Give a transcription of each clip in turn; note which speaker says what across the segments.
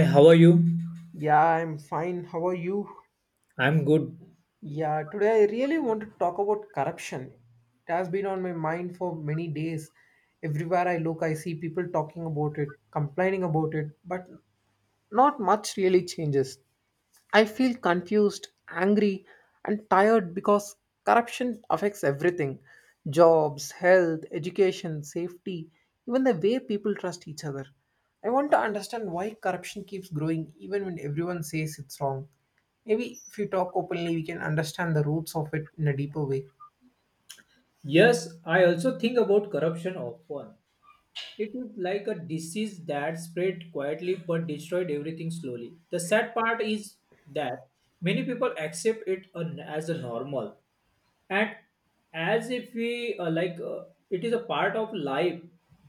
Speaker 1: Hey, how are you?
Speaker 2: Yeah, I'm fine. How are you?
Speaker 1: I'm good.
Speaker 2: Yeah, today I really want to talk about corruption. It has been on my mind for many days. Everywhere I look, I see people talking about it, complaining about it, but not much really changes. I feel confused, angry, and tired because corruption affects everything jobs, health, education, safety, even the way people trust each other. I want to understand why corruption keeps growing even when everyone says it's wrong. Maybe if we talk openly, we can understand the roots of it in a deeper way.
Speaker 1: Yes, I also think about corruption often. It is like a disease that spread quietly but destroyed everything slowly. The sad part is that many people accept it as a normal and as if we it is a part of life.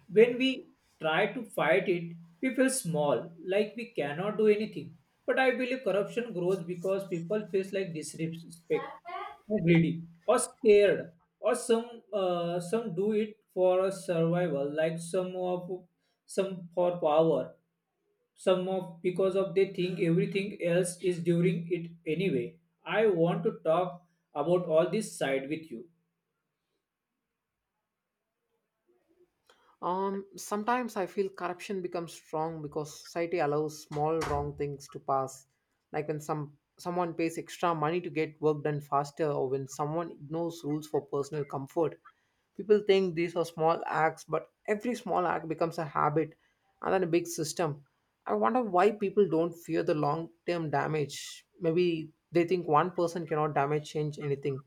Speaker 1: When we try to fight it, we feel small, like we cannot do anything. But I believe corruption grows because people feel like disrespect, or greedy or scared or some do it for a survival, like some of some for power, some of because of they think everything else is during it anyway. I want to talk about all this side with you.
Speaker 2: Sometimes I feel corruption becomes strong because society allows small wrong things to pass, like when someone pays extra money to get work done faster, or when someone ignores rules for personal comfort. People think these are small acts, but every small act becomes a habit and then a big system. I wonder why people don't fear the long term damage. Maybe they think one person cannot damage change anything.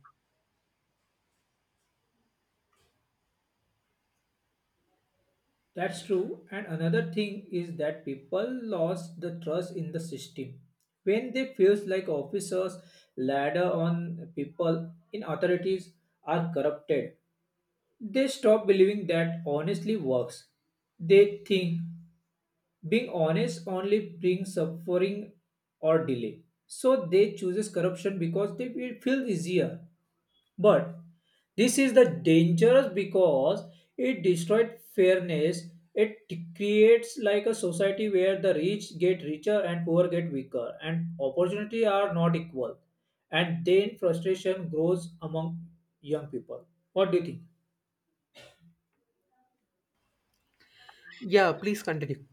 Speaker 1: That's true, and another thing is that people lost the trust in the system. When they feels like officers ladder on people in authorities are corrupted, they stop believing that honestly works. They think being honest only brings suffering or delay. So they chooses corruption because they will feel easier. But this is the dangerous because it destroyed fairness. It creates like a society where the rich get richer and poor get weaker and opportunity are not equal. And then frustration grows among young people. What do you think?
Speaker 2: Yeah, please continue.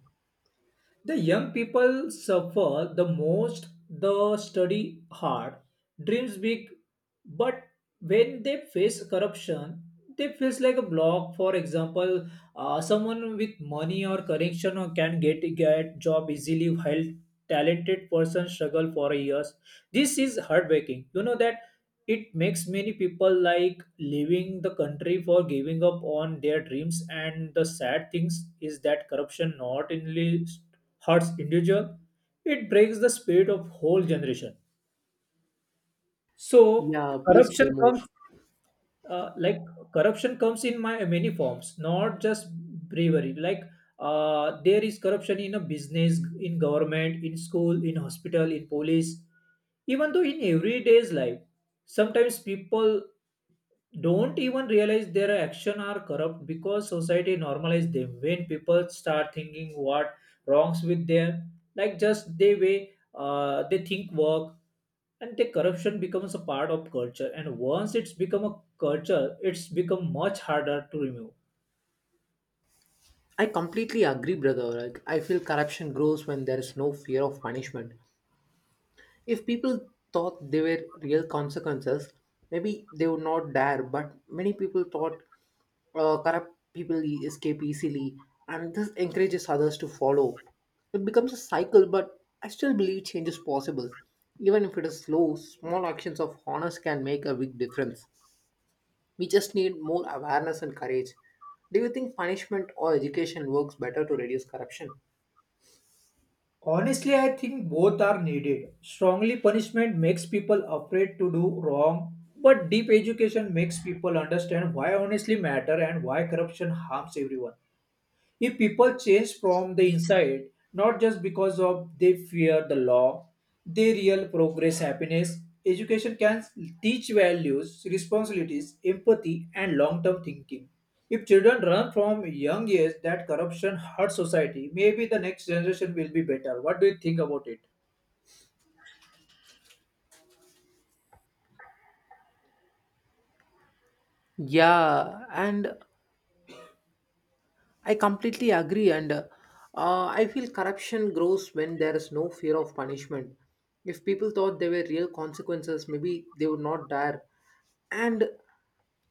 Speaker 1: The young people suffer the most, the study hard, dreams big, but when they face corruption, they face like a block. For example, someone with money or connection or can get job easily, while talented person struggle for years. This is heartbreaking. You know that it makes many people like leaving the country for giving up on their dreams, and the sad things is that corruption not only hurts individual, it breaks the spirit of whole generation. So
Speaker 2: Yeah, please
Speaker 1: corruption
Speaker 2: tell more.
Speaker 1: comes uh, like corruption comes in my many forms, not just bravery, like there is corruption in a business, in government, in school, in hospital, in police, even though in everyday's life. Sometimes people don't even realize their action are corrupt because society normalize them. When people start thinking what wrongs with them, like just they way they think work, and the corruption becomes a part of culture, and once it's become a culture, it's become much harder to remove.
Speaker 2: I completely agree, brother. Like, I feel corruption grows when there is no fear of punishment. If people thought there were real consequences, maybe they would not dare. But many people thought corrupt people escape easily, and this encourages others to follow. It becomes a cycle, but I still believe change is possible. Even if it is slow, small actions of honest can make a big difference. We just need more awareness and courage. Do you think punishment or education works better to reduce corruption?
Speaker 1: Honestly, I think both are needed. Strongly punishment makes people afraid to do wrong, but deep education makes people understand why honestly matter and why corruption harms everyone. If people change from the inside, not just because of they fear the law, they real progress, happiness. Education can teach values, responsibilities, empathy, and long-term thinking. If children learn from young age that corruption hurts society, maybe the next generation will be better. What do you think about it?
Speaker 2: Yeah, and I completely agree. And I feel corruption grows when there is no fear of punishment. If people thought there were real consequences, maybe they would not dare. And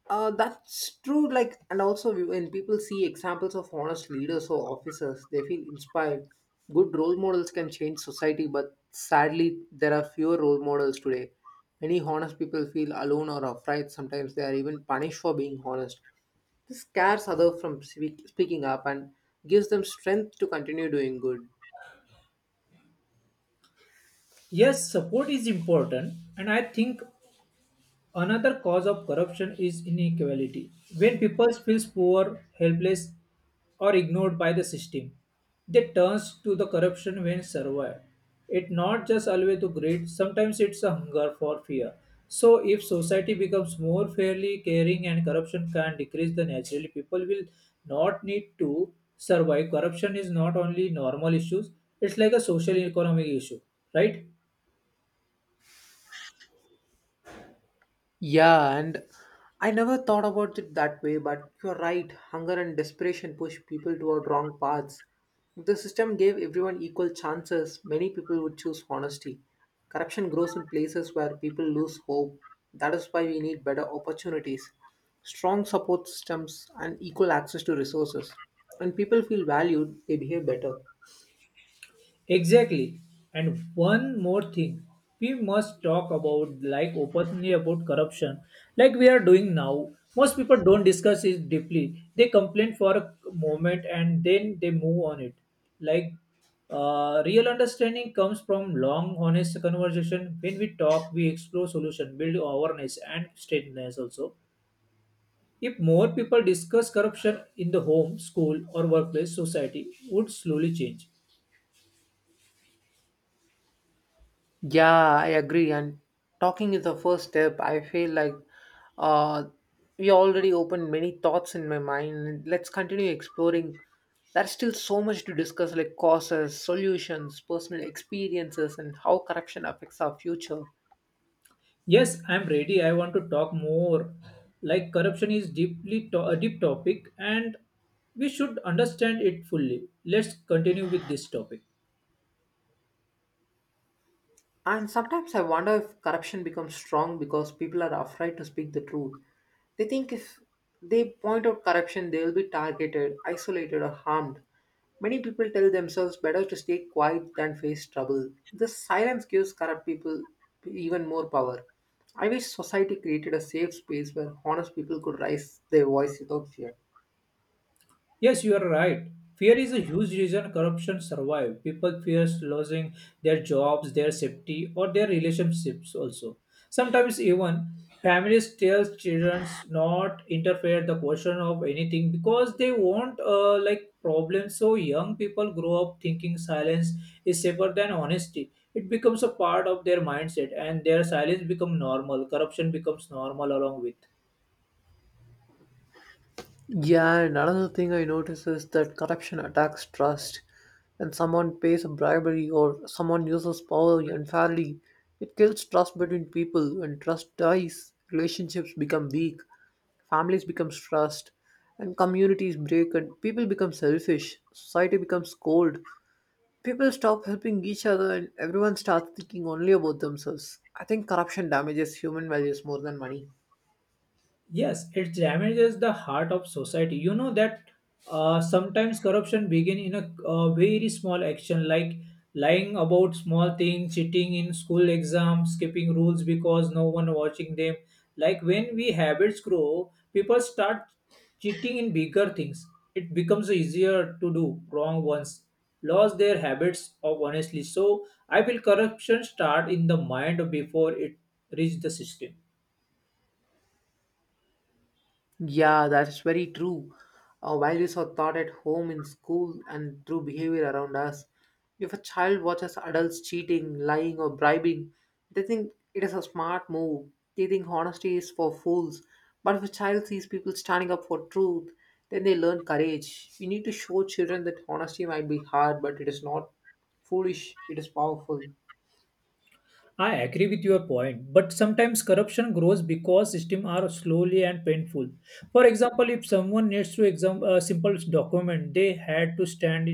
Speaker 2: That's true. Like, and also when people see examples of honest leaders or officers, they feel inspired. Good role models can change society, but sadly, there are fewer role models today. Many honest people feel alone or afraid. Sometimes they are even punished for being honest. This scares others from speaking up and gives them strength to continue doing good.
Speaker 1: Yes, support is important, and I think another cause of corruption is inequality. When people feel poor, helpless, or ignored by the system, they turn to the corruption when survive. It's not just always to greed, sometimes it's a hunger for fear. So if society becomes more fairly caring and corruption can decrease, then naturally people will not need to survive. Corruption is not only normal issues, it's like a social economic issue, right?
Speaker 2: Yeah, and I never thought about it that way, but you're right. Hunger and desperation push people toward wrong paths. If the system gave everyone equal chances, many people would choose honesty. Corruption grows in places where people lose hope. That is why we need better opportunities, strong support systems, and equal access to resources. When people feel valued, they behave better.
Speaker 1: Exactly. And one more thing, we must talk about like openly about corruption, like we are doing now. Most people don't discuss it deeply. They complain for a moment and then they move on it. Like real understanding comes from long, honest conversation. When we talk, we explore solution, build awareness and steadiness also. If more people discuss corruption in the home, school, or workplace, society would slowly change.
Speaker 2: Yeah, I agree. And talking is the first step. I feel like uh, we already opened many thoughts in my mind. Let's continue exploring. There's still so much to discuss, like causes, solutions, personal experiences, and how corruption affects our future.
Speaker 1: Yes, I'm ready. I want to talk more. Like corruption is deeply a deep topic, and we should understand it fully. Let's continue with this topic.
Speaker 2: And sometimes I wonder if corruption becomes strong because people are afraid to speak the truth. They think if they point out corruption, they will be targeted, isolated, or harmed. Many people tell themselves better to stay quiet than face trouble. This silence gives corrupt people even more power. I wish society created a safe space where honest people could raise their voice without fear.
Speaker 1: Yes, you are right. Fear is a huge reason corruption survives. People fear losing their jobs, their safety, or their relationships also. Sometimes even families tell children not interfere the question of anything because they want like problems. So young people grow up thinking silence is safer than honesty. It becomes a part of their mindset and their silence becomes normal. Corruption becomes normal along with.
Speaker 2: Yeah, and another thing I notice is that corruption attacks trust. When someone pays a bribery or someone uses power unfairly, it kills trust between people. When trust dies, relationships become weak, families become stressed, and communities break, and people become selfish. Society becomes cold. People stop helping each other, and everyone starts thinking only about themselves. I think corruption damages human values more than money.
Speaker 1: Yes, it damages the heart of society. You know that sometimes corruption begin in a, very small action, like lying about small things, cheating in school exams, skipping rules because no one watching them. Like when we habits grow, people start cheating in bigger things. It becomes easier to do wrong ones, lost their habits of honestly. So I feel corruption start in the mind before it reach the system.
Speaker 2: Yeah, that's very true. Our values are taught at home, in school, and through behavior around us. If a child watches adults cheating, lying, or bribing, they think it is a smart move. They think honesty is for fools. But if a child sees people standing up for truth, then they learn courage. We need to show children that honesty might be hard, but it is not foolish, it is powerful.
Speaker 1: I agree with your point, but sometimes corruption grows because systems are slowly and painful. For example, if someone needs to exam a simple document, they had to stand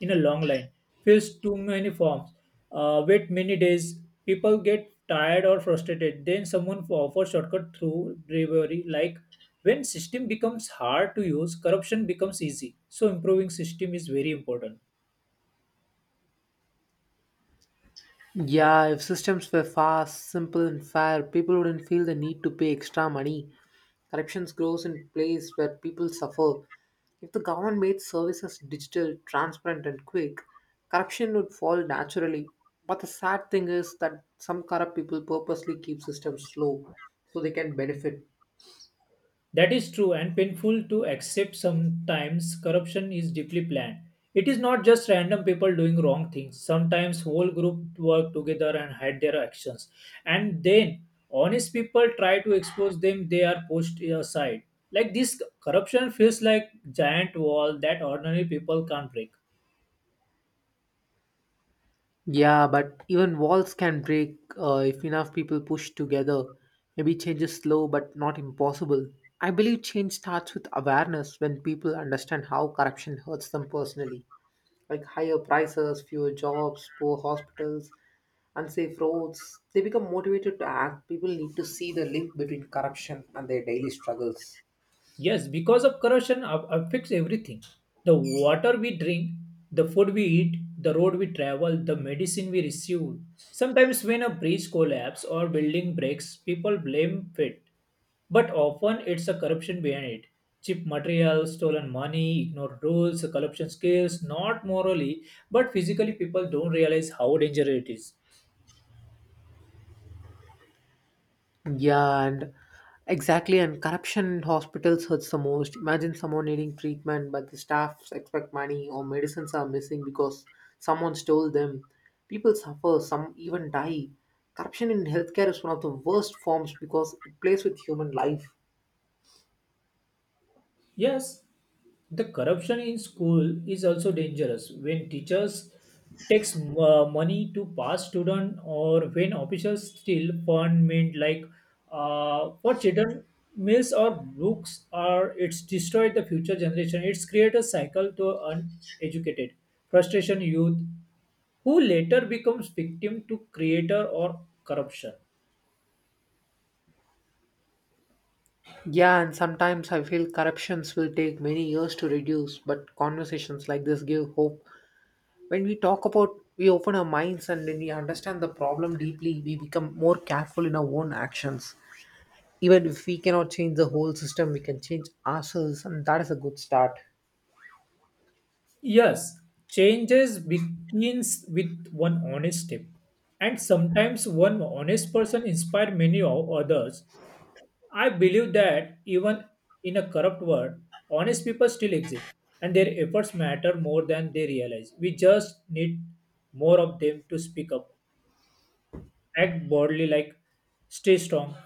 Speaker 1: in a long line, fill too many forms, wait many days. People get tired or frustrated. Then someone offers shortcut through bravery. Like when system becomes hard to use, corruption becomes easy. So improving system is very important.
Speaker 2: Yeah, if systems were fast, simple, and fair, people wouldn't feel the need to pay extra money. Corruption grows in places where people suffer. If the government made services digital, transparent, and quick, corruption would fall naturally. But the sad thing is that some corrupt people purposely keep systems slow so they can benefit.
Speaker 1: That is true and painful to accept. Sometimes corruption is deeply planned. It is not just random people doing wrong things. Sometimes whole group work together and hide their actions. And then honest people try to expose them, they are pushed aside. Like this corruption feels like giant wall that ordinary people can't break.
Speaker 2: Yeah, but even walls can break if enough people push together. Maybe change is slow but not impossible. I believe change starts with awareness when people understand how corruption hurts them personally, like higher prices, fewer jobs, poor hospitals, unsafe roads. They become motivated to act. People need to see the link between corruption and their daily struggles.
Speaker 1: Yes, because of corrosion affects everything. The water we drink, the food we eat, the road we travel, the medicine we receive. Sometimes when a bridge collapses or building breaks, people blame it. But often it's a corruption behind it. Cheap materials, stolen money, ignored rules, corruption skills, not morally, but physically people don't realize how dangerous it is.
Speaker 2: Yeah, and exactly. And corruption in hospitals hurts the most. Imagine someone needing treatment, but the staffs expect money or medicines are missing because someone stole them. People suffer, some even die. Corruption in healthcare is one of the worst forms because it plays with human life.
Speaker 1: Yes, the corruption in school is also dangerous when teachers takes money to pass student, or when officials steal fund mint like for children meals or books, or it's destroyed the future generation. It's create a cycle to uneducated frustration youth who later becomes victim to creator or corruption.
Speaker 2: Yeah, and sometimes I feel corruptions will take many years to reduce, but conversations like this give hope. When we talk about we open our minds, and when we understand the problem deeply we become more careful in our own actions. Even if we cannot change the whole system we can change ourselves, and that is a good start.
Speaker 1: Yes, changes begins with one honest step, and sometimes one honest person inspire many others. I believe that even in a corrupt world, honest people still exist, and their efforts matter more than they realize. We just need more of them to speak up, act boldly, like stay strong.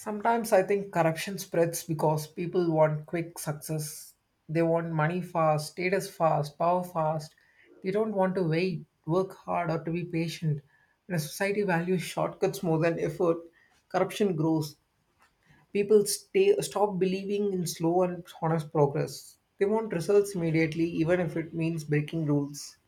Speaker 2: Sometimes I think corruption spreads because people want quick success. They want money fast, status fast, power fast. They don't want to wait, work hard, or to be patient. When a society values shortcuts more than effort, corruption grows. People stop believing in slow and honest progress. They want results immediately, even if it means breaking rules.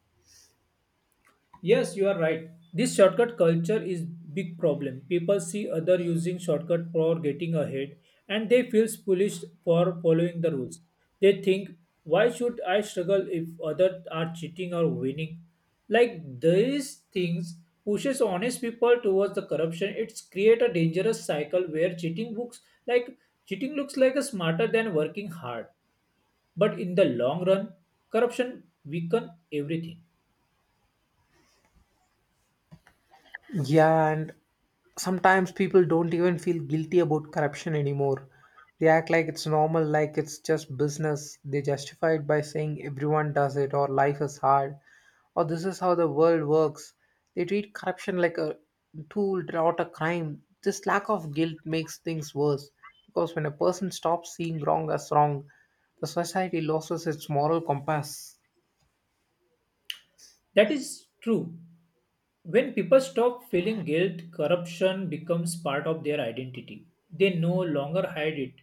Speaker 1: Yes, you are right. This shortcut culture is big problem. People see other using shortcut for getting ahead and they feel foolish for following the rules. They think, why should I struggle if others are cheating or winning? Like these things pushes honest people towards the corruption. It's create a dangerous cycle where like cheating looks like a smarter than working hard. But in the long run, corruption weaken everything.
Speaker 2: Yeah, and sometimes people don't even feel guilty about corruption anymore. They act like it's normal, like it's just business. They justify it by saying everyone does it, or life is hard, or this is how the world works. They treat corruption like a tool, not a crime. This lack of guilt makes things worse because when a person stops seeing wrong as wrong, the society loses its moral compass.
Speaker 1: That is true. When people stop feeling guilt, corruption becomes part of their identity. They no longer hide it,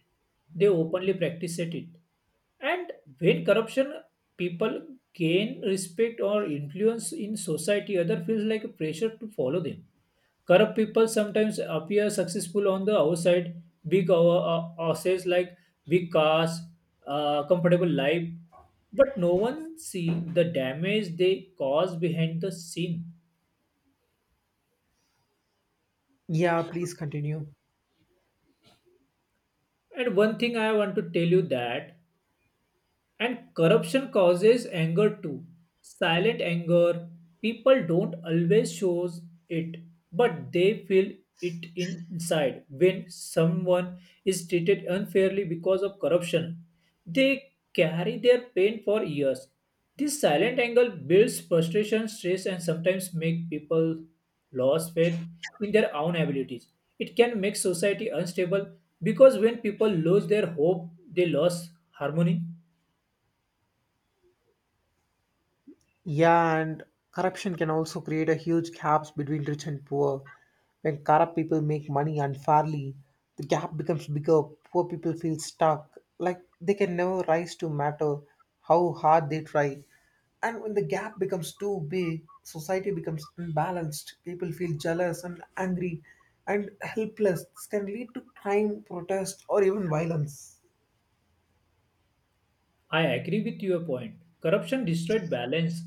Speaker 1: they openly practice it. And when corruption, people gain respect or influence in society, other feels like a pressure to follow them. Corrupt people sometimes appear successful on the outside, big assets like big cars, comfortable life, but no one see the damage they cause behind the scene.
Speaker 2: Yeah, please continue.
Speaker 1: And one thing I want to tell you that and corruption causes anger too. Silent anger. People don't always show it, but they feel it inside. When someone is treated unfairly because of corruption, they carry their pain for years. This silent anger builds frustration, stress, and sometimes make people lose faith in their own abilities. It can make society unstable because when people lose their hope, they lose harmony.
Speaker 2: Yeah, and corruption can also create a huge gaps between rich and poor. When corrupt people make money unfairly, the gap becomes bigger. Poor people feel stuck, like they can never rise to matter how hard they try. And when the gap becomes too big, society becomes unbalanced. People feel jealous and angry and helpless. This can lead to crime, protest, or even violence.
Speaker 1: I agree with your point. Corruption destroyed balance,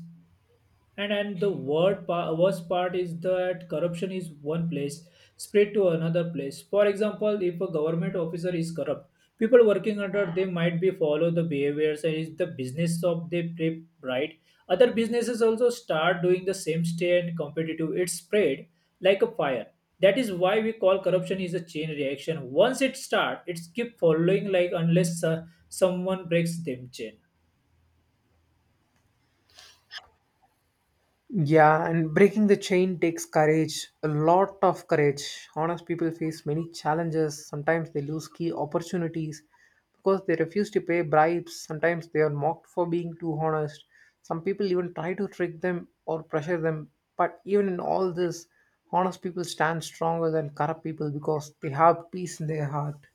Speaker 1: and the word worst part is that corruption is one place spread to another place. For example, if a government officer is corrupt, people working under them might be follow the behaviors and is the business of they prep, right. Other businesses also start doing the same stay and competitive. It's spread like a fire. That is why we call corruption is a chain reaction. Once it start, it keep following like unless someone breaks them chain.
Speaker 2: Yeah, and breaking the chain takes courage, a lot of courage. Honest people face many challenges. Sometimes they lose key opportunities because they refuse to pay bribes. Sometimes they are mocked for being too honest. Some people even try to trick them or pressure them. But even in all this, honest people stand stronger than corrupt people because they have peace in their heart.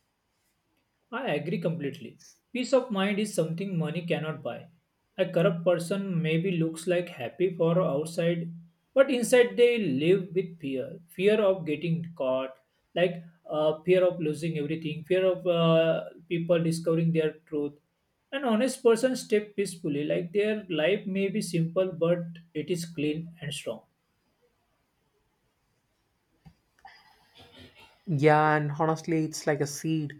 Speaker 1: I agree completely. Peace of mind is something money cannot buy. A corrupt person maybe looks like happy for outside, but inside they live with fear. Fear of getting caught, like fear of losing everything, fear of people discovering their truth. An honest person step peacefully, like their life may be simple, but it is clean and strong.
Speaker 2: Yeah, and honestly, it's like a seed.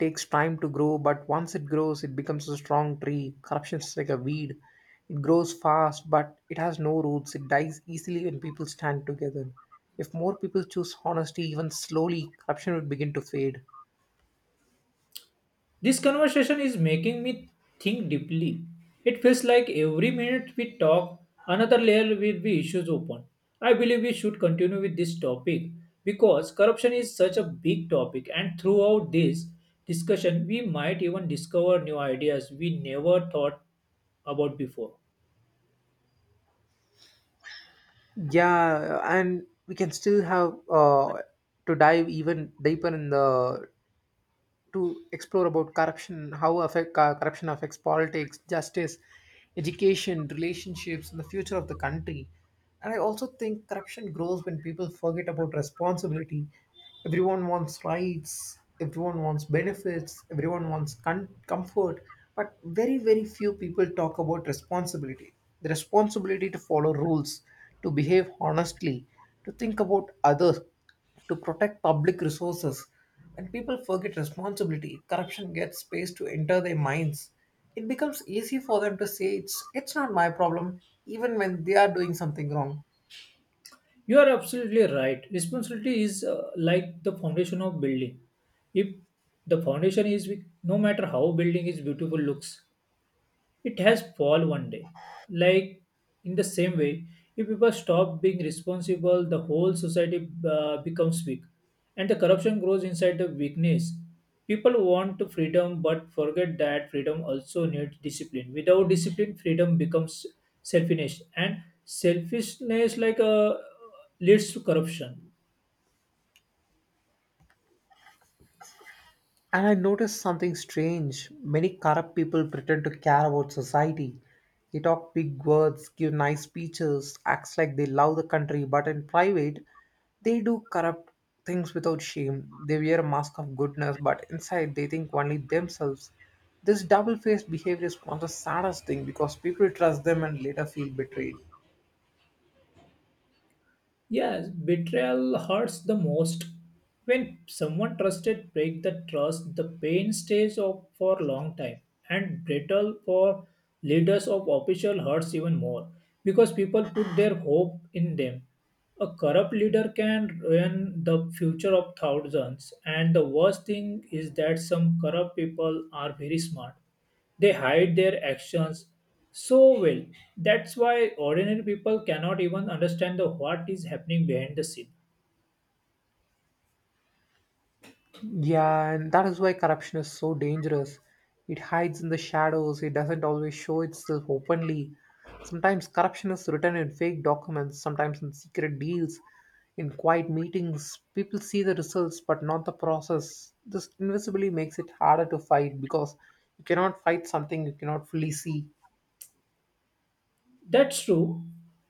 Speaker 2: Takes time to grow, but once it grows, it becomes a strong tree. Corruption is like a weed. It grows fast, but it has no roots. It dies easily when people stand together. If more people choose honesty, even slowly, corruption would begin to fade.
Speaker 1: This conversation is making me think deeply. It feels like every minute we talk, another layer will be issues open. I believe we should continue with this topic because corruption is such a big topic, and throughout this discussion, we might even discover new ideas we never thought about before.
Speaker 2: Yeah, and we can still have to dive even deeper in the to explore about corruption, how affect, corruption affects politics, justice, education, relationships, and the future of the country. And I also think corruption grows when people forget about responsibility. Everyone wants rights, everyone wants benefits, everyone wants comfort, but very, very few people talk about responsibility. The responsibility to follow rules, to behave honestly, to think about others to protect public resources. When people forget responsibility, corruption gets space to enter their minds. It becomes easy for them to say it's not my problem, even when they are doing something wrong.
Speaker 1: You are absolutely right. Responsibility is like the foundation of building. If the foundation is weak, no matter how building is beautiful looks, it has fall one day. Like in the same way, if people stop being responsible, the whole society becomes weak, and the corruption grows inside the weakness. People want to freedom, but forget that freedom also needs discipline. Without discipline, freedom becomes selfishness, and selfishness leads to corruption.
Speaker 2: And I noticed something strange. Many corrupt people pretend to care about society. They talk big words, give nice speeches, acts like they love the country, but in private, they do corrupt things without shame. They wear a mask of goodness, but inside they think only themselves. This double faced behavior is one of the saddest things because people trust them and later feel betrayed.
Speaker 1: Yes, betrayal hurts the most. When someone trusted break the trust, the pain stays up for a long time. And betrayal for leaders of official hurts even more because people put their hope in them. A corrupt leader can ruin the future of thousands, and the worst thing is that some corrupt people are very smart. They hide their actions so well. That's why ordinary people cannot even understand the what is happening behind the scene.
Speaker 2: Yeah, and that is why corruption is so dangerous. It hides in the shadows, it doesn't always show itself openly. Sometimes corruption is written in fake documents, sometimes in secret deals, in quiet meetings. People see the results but not the process. This invisibly makes it harder to fight because you cannot fight something you cannot fully see.
Speaker 1: That's true.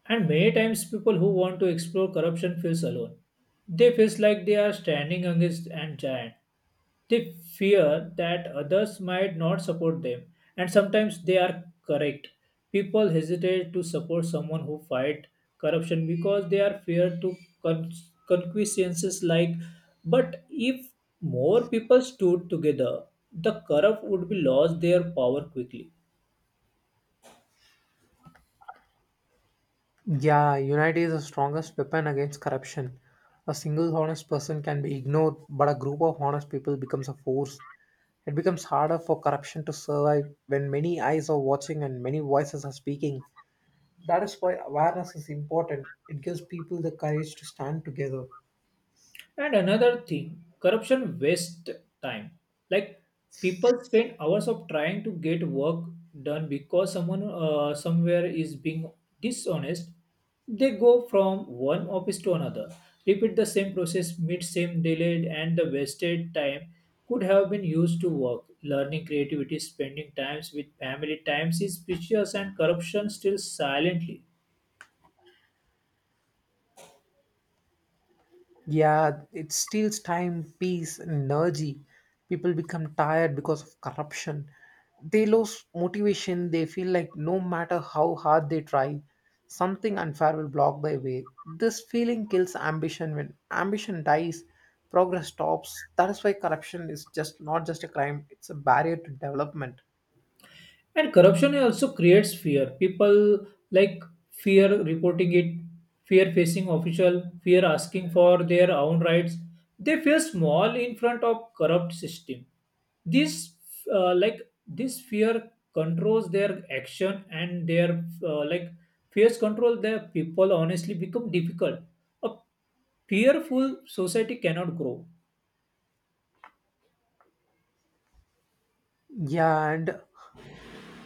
Speaker 1: And many times people who want to explore corruption feels alone. They feels like they are standing against a giant. They fear that others might not support them, and sometimes they are correct. People hesitate to support someone who fight corruption because they are feared to con- consequences like but if more people stood together the corrupt would be lost their power quickly.
Speaker 2: Yeah, unity is the strongest weapon against corruption. A single honest person can be ignored, but a group of honest people becomes a force. It becomes harder for corruption to survive when many eyes are watching and many voices are speaking. That is why awareness is important. It gives people the courage to stand together.
Speaker 1: And another thing, corruption wastes time. Like people spend hours of trying to get work done because someone somewhere is being dishonest. They go from one office to another, repeat the same process, meet same delayed, and the wasted time could have been used to work, learning, creativity, spending times with family. Times is precious, and corruption still silently.
Speaker 2: Yeah, it steals time, peace, and energy. People become tired because of corruption. They lose motivation. They feel like no matter how hard they try, something unfair will block their way. This feeling kills ambition. When ambition dies, progress stops. That is why corruption is just not just a crime, it's a barrier to development.
Speaker 1: And corruption also creates fear. People like fear reporting it, fear facing official, fear asking for their own rights. They feel small in front of corrupt system. This uh, like this fear controls their action and their fears control their people honestly become difficult. A fearful society cannot grow.
Speaker 2: Yeah, and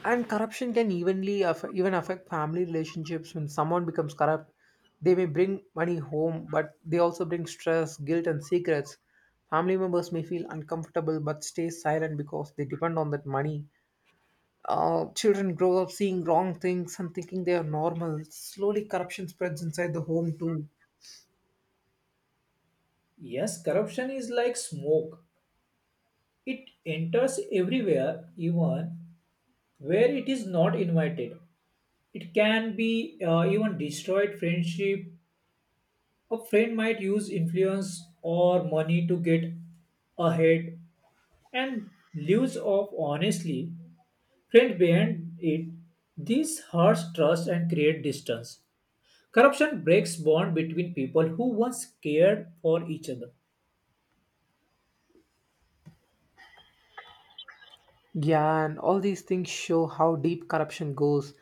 Speaker 2: and corruption can evenly affect, even affect family relationships when someone becomes corrupt. They may bring money home but they also bring stress, guilt, and secrets. Family members may feel uncomfortable but stay silent because they depend on that money. Children grow up seeing wrong things and thinking they are normal. Slowly corruption spreads inside the home too.
Speaker 1: Yes, corruption is like smoke. It enters everywhere, even where it is not invited. It can be even destroyed friendship. A friend might use influence or money to get ahead and lives off honestly. Friend behind it, this hurts trust and create distance. Corruption breaks bond between people who once cared for each other.
Speaker 2: Yeah, and all these things show how deep corruption goes.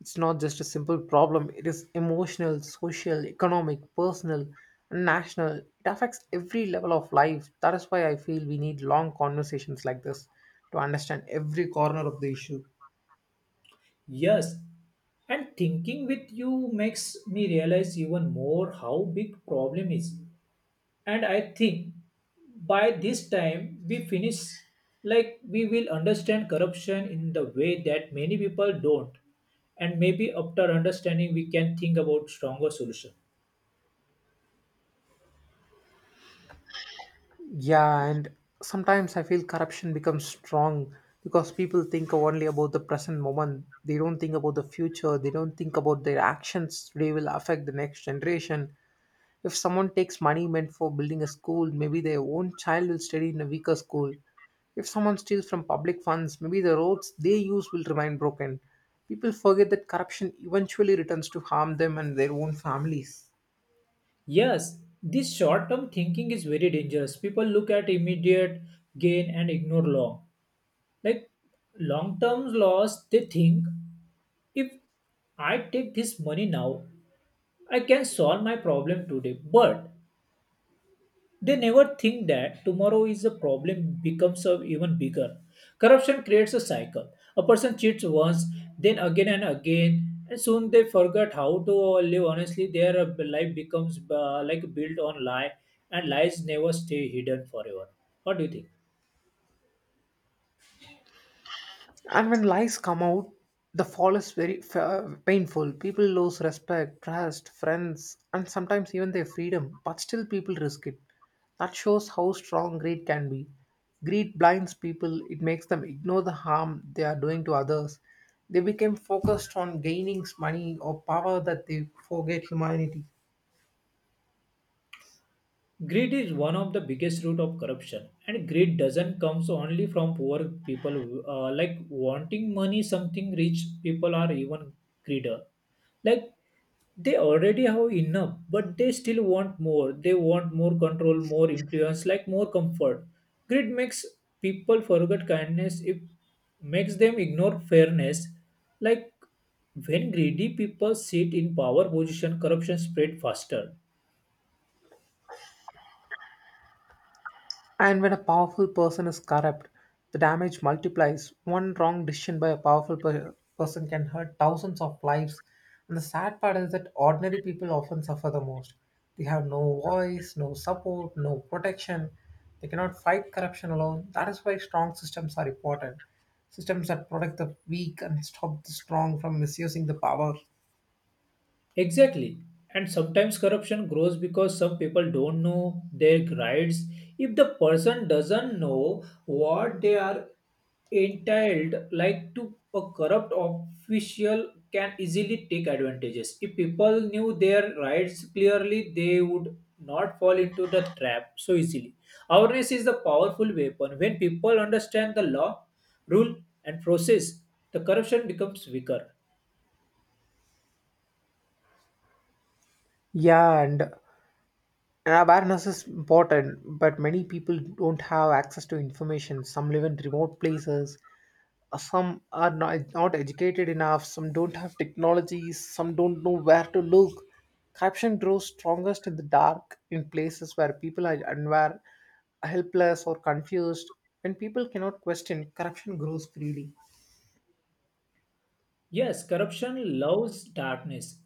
Speaker 2: It's not just a simple problem, it is emotional, social, economic, personal, and national. It affects every level of life. That is why I feel we need long conversations like this to understand every corner of the issue.
Speaker 1: Yes, and thinking with you makes me realize even more how big problem is. And I think by this time we finish, like we will understand corruption in the way that many people don't, and maybe after understanding we can think about stronger solution.
Speaker 2: Yeah, and sometimes I feel corruption becomes strong because people think only about the present moment. They don't think about the future. They don't think about their actions. They will affect the next generation. If someone takes money meant for building a school, maybe their own child will study in a weaker school. If someone steals from public funds, maybe the roads they use will remain broken. People forget that corruption eventually returns to harm them and their own families.
Speaker 1: Yes, this short term thinking is very dangerous. People look at immediate gain and ignore like long term loss. They think if I take this money now, I can solve my problem today, but they never think that tomorrow is a problem becomes a even bigger. Corruption creates a cycle. A person cheats once, then again and again, and soon they forget how to live honestly. Their life becomes built on lie, and lies never stay hidden forever. What do you think?
Speaker 2: And when lies come out, the fall is very painful. People lose respect, trust, friends, and sometimes even their freedom, but still people risk it. That shows how strong greed can be. Greed blinds people, it makes them ignore the harm they are doing to others. They become focused on gaining money or power that they forget humanity.
Speaker 1: Greed is one of the biggest root of corruption, and greed doesn't comes only from poor people. Wanting money, something rich people are even greedy. Like they already have enough, but they still want more. They want more control, more influence, like more comfort. Greed makes people forget kindness. It makes them ignore fairness, like when greedy people sit in power position, corruption spread faster.
Speaker 2: And when a powerful person is corrupt, the damage multiplies. One wrong decision by a powerful person can hurt thousands of lives. And the sad part is that ordinary people often suffer the most. They have no voice, no support, no protection. They cannot fight corruption alone. That is why strong systems are important. Systems that protect the weak and stop the strong from misusing the power.
Speaker 1: Exactly. And sometimes corruption grows because some people don't know their rights. If the person doesn't know what they are entitled, like to a corrupt official can easily take advantages. If people knew their rights clearly, they would not fall into the trap so easily. Awareness is the powerful weapon. When people understand the law, rule, and process, the corruption becomes weaker.
Speaker 2: Yeah, and awareness is important, but many people don't have access to information. Some live in remote places, some are not educated enough, some don't have technologies, some don't know where to look. Corruption grows strongest in the dark, in places where people are unaware, helpless, or confused. When people cannot question, corruption grows freely.
Speaker 1: Yes, corruption loves darkness.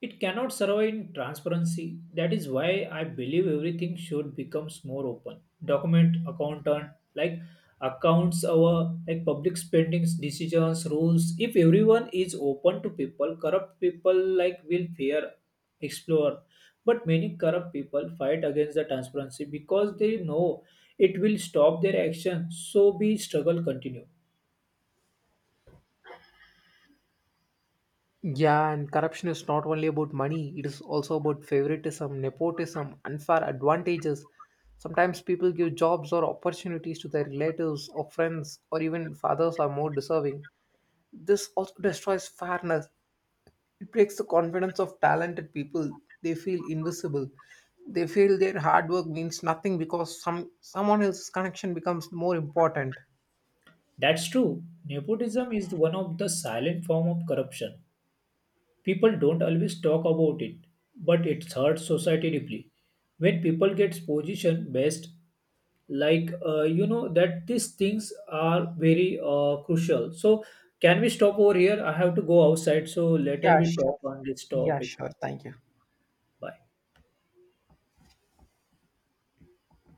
Speaker 1: It cannot survive in transparency. That is why I believe everything should become more open. Document, accountant, like accounts, our like public spendings, decisions, rules. If everyone is open to people, corrupt people like will fear explore. But many corrupt people fight against the transparency because they know it will stop their action. So be struggle continue.
Speaker 2: Yeah, and corruption is not only about money, it is also about favoritism, nepotism, unfair advantages. Sometimes people give jobs or opportunities to their relatives or friends, or even if others are more deserving. This also destroys fairness. It breaks the confidence of talented people. They feel invisible. They feel their hard work means nothing because someone else's connection becomes more important.
Speaker 1: That's true. Nepotism is one of the silent form of corruption. People don't always talk about it, but it hurts society deeply. When people get position based, like you know that these things are very crucial. So can we stop over here? I have to go outside. So later
Speaker 2: Yeah,
Speaker 1: we talk
Speaker 2: sure.
Speaker 1: on this
Speaker 2: Yeah,
Speaker 1: topic.
Speaker 2: sure. Thank you.
Speaker 1: Bye.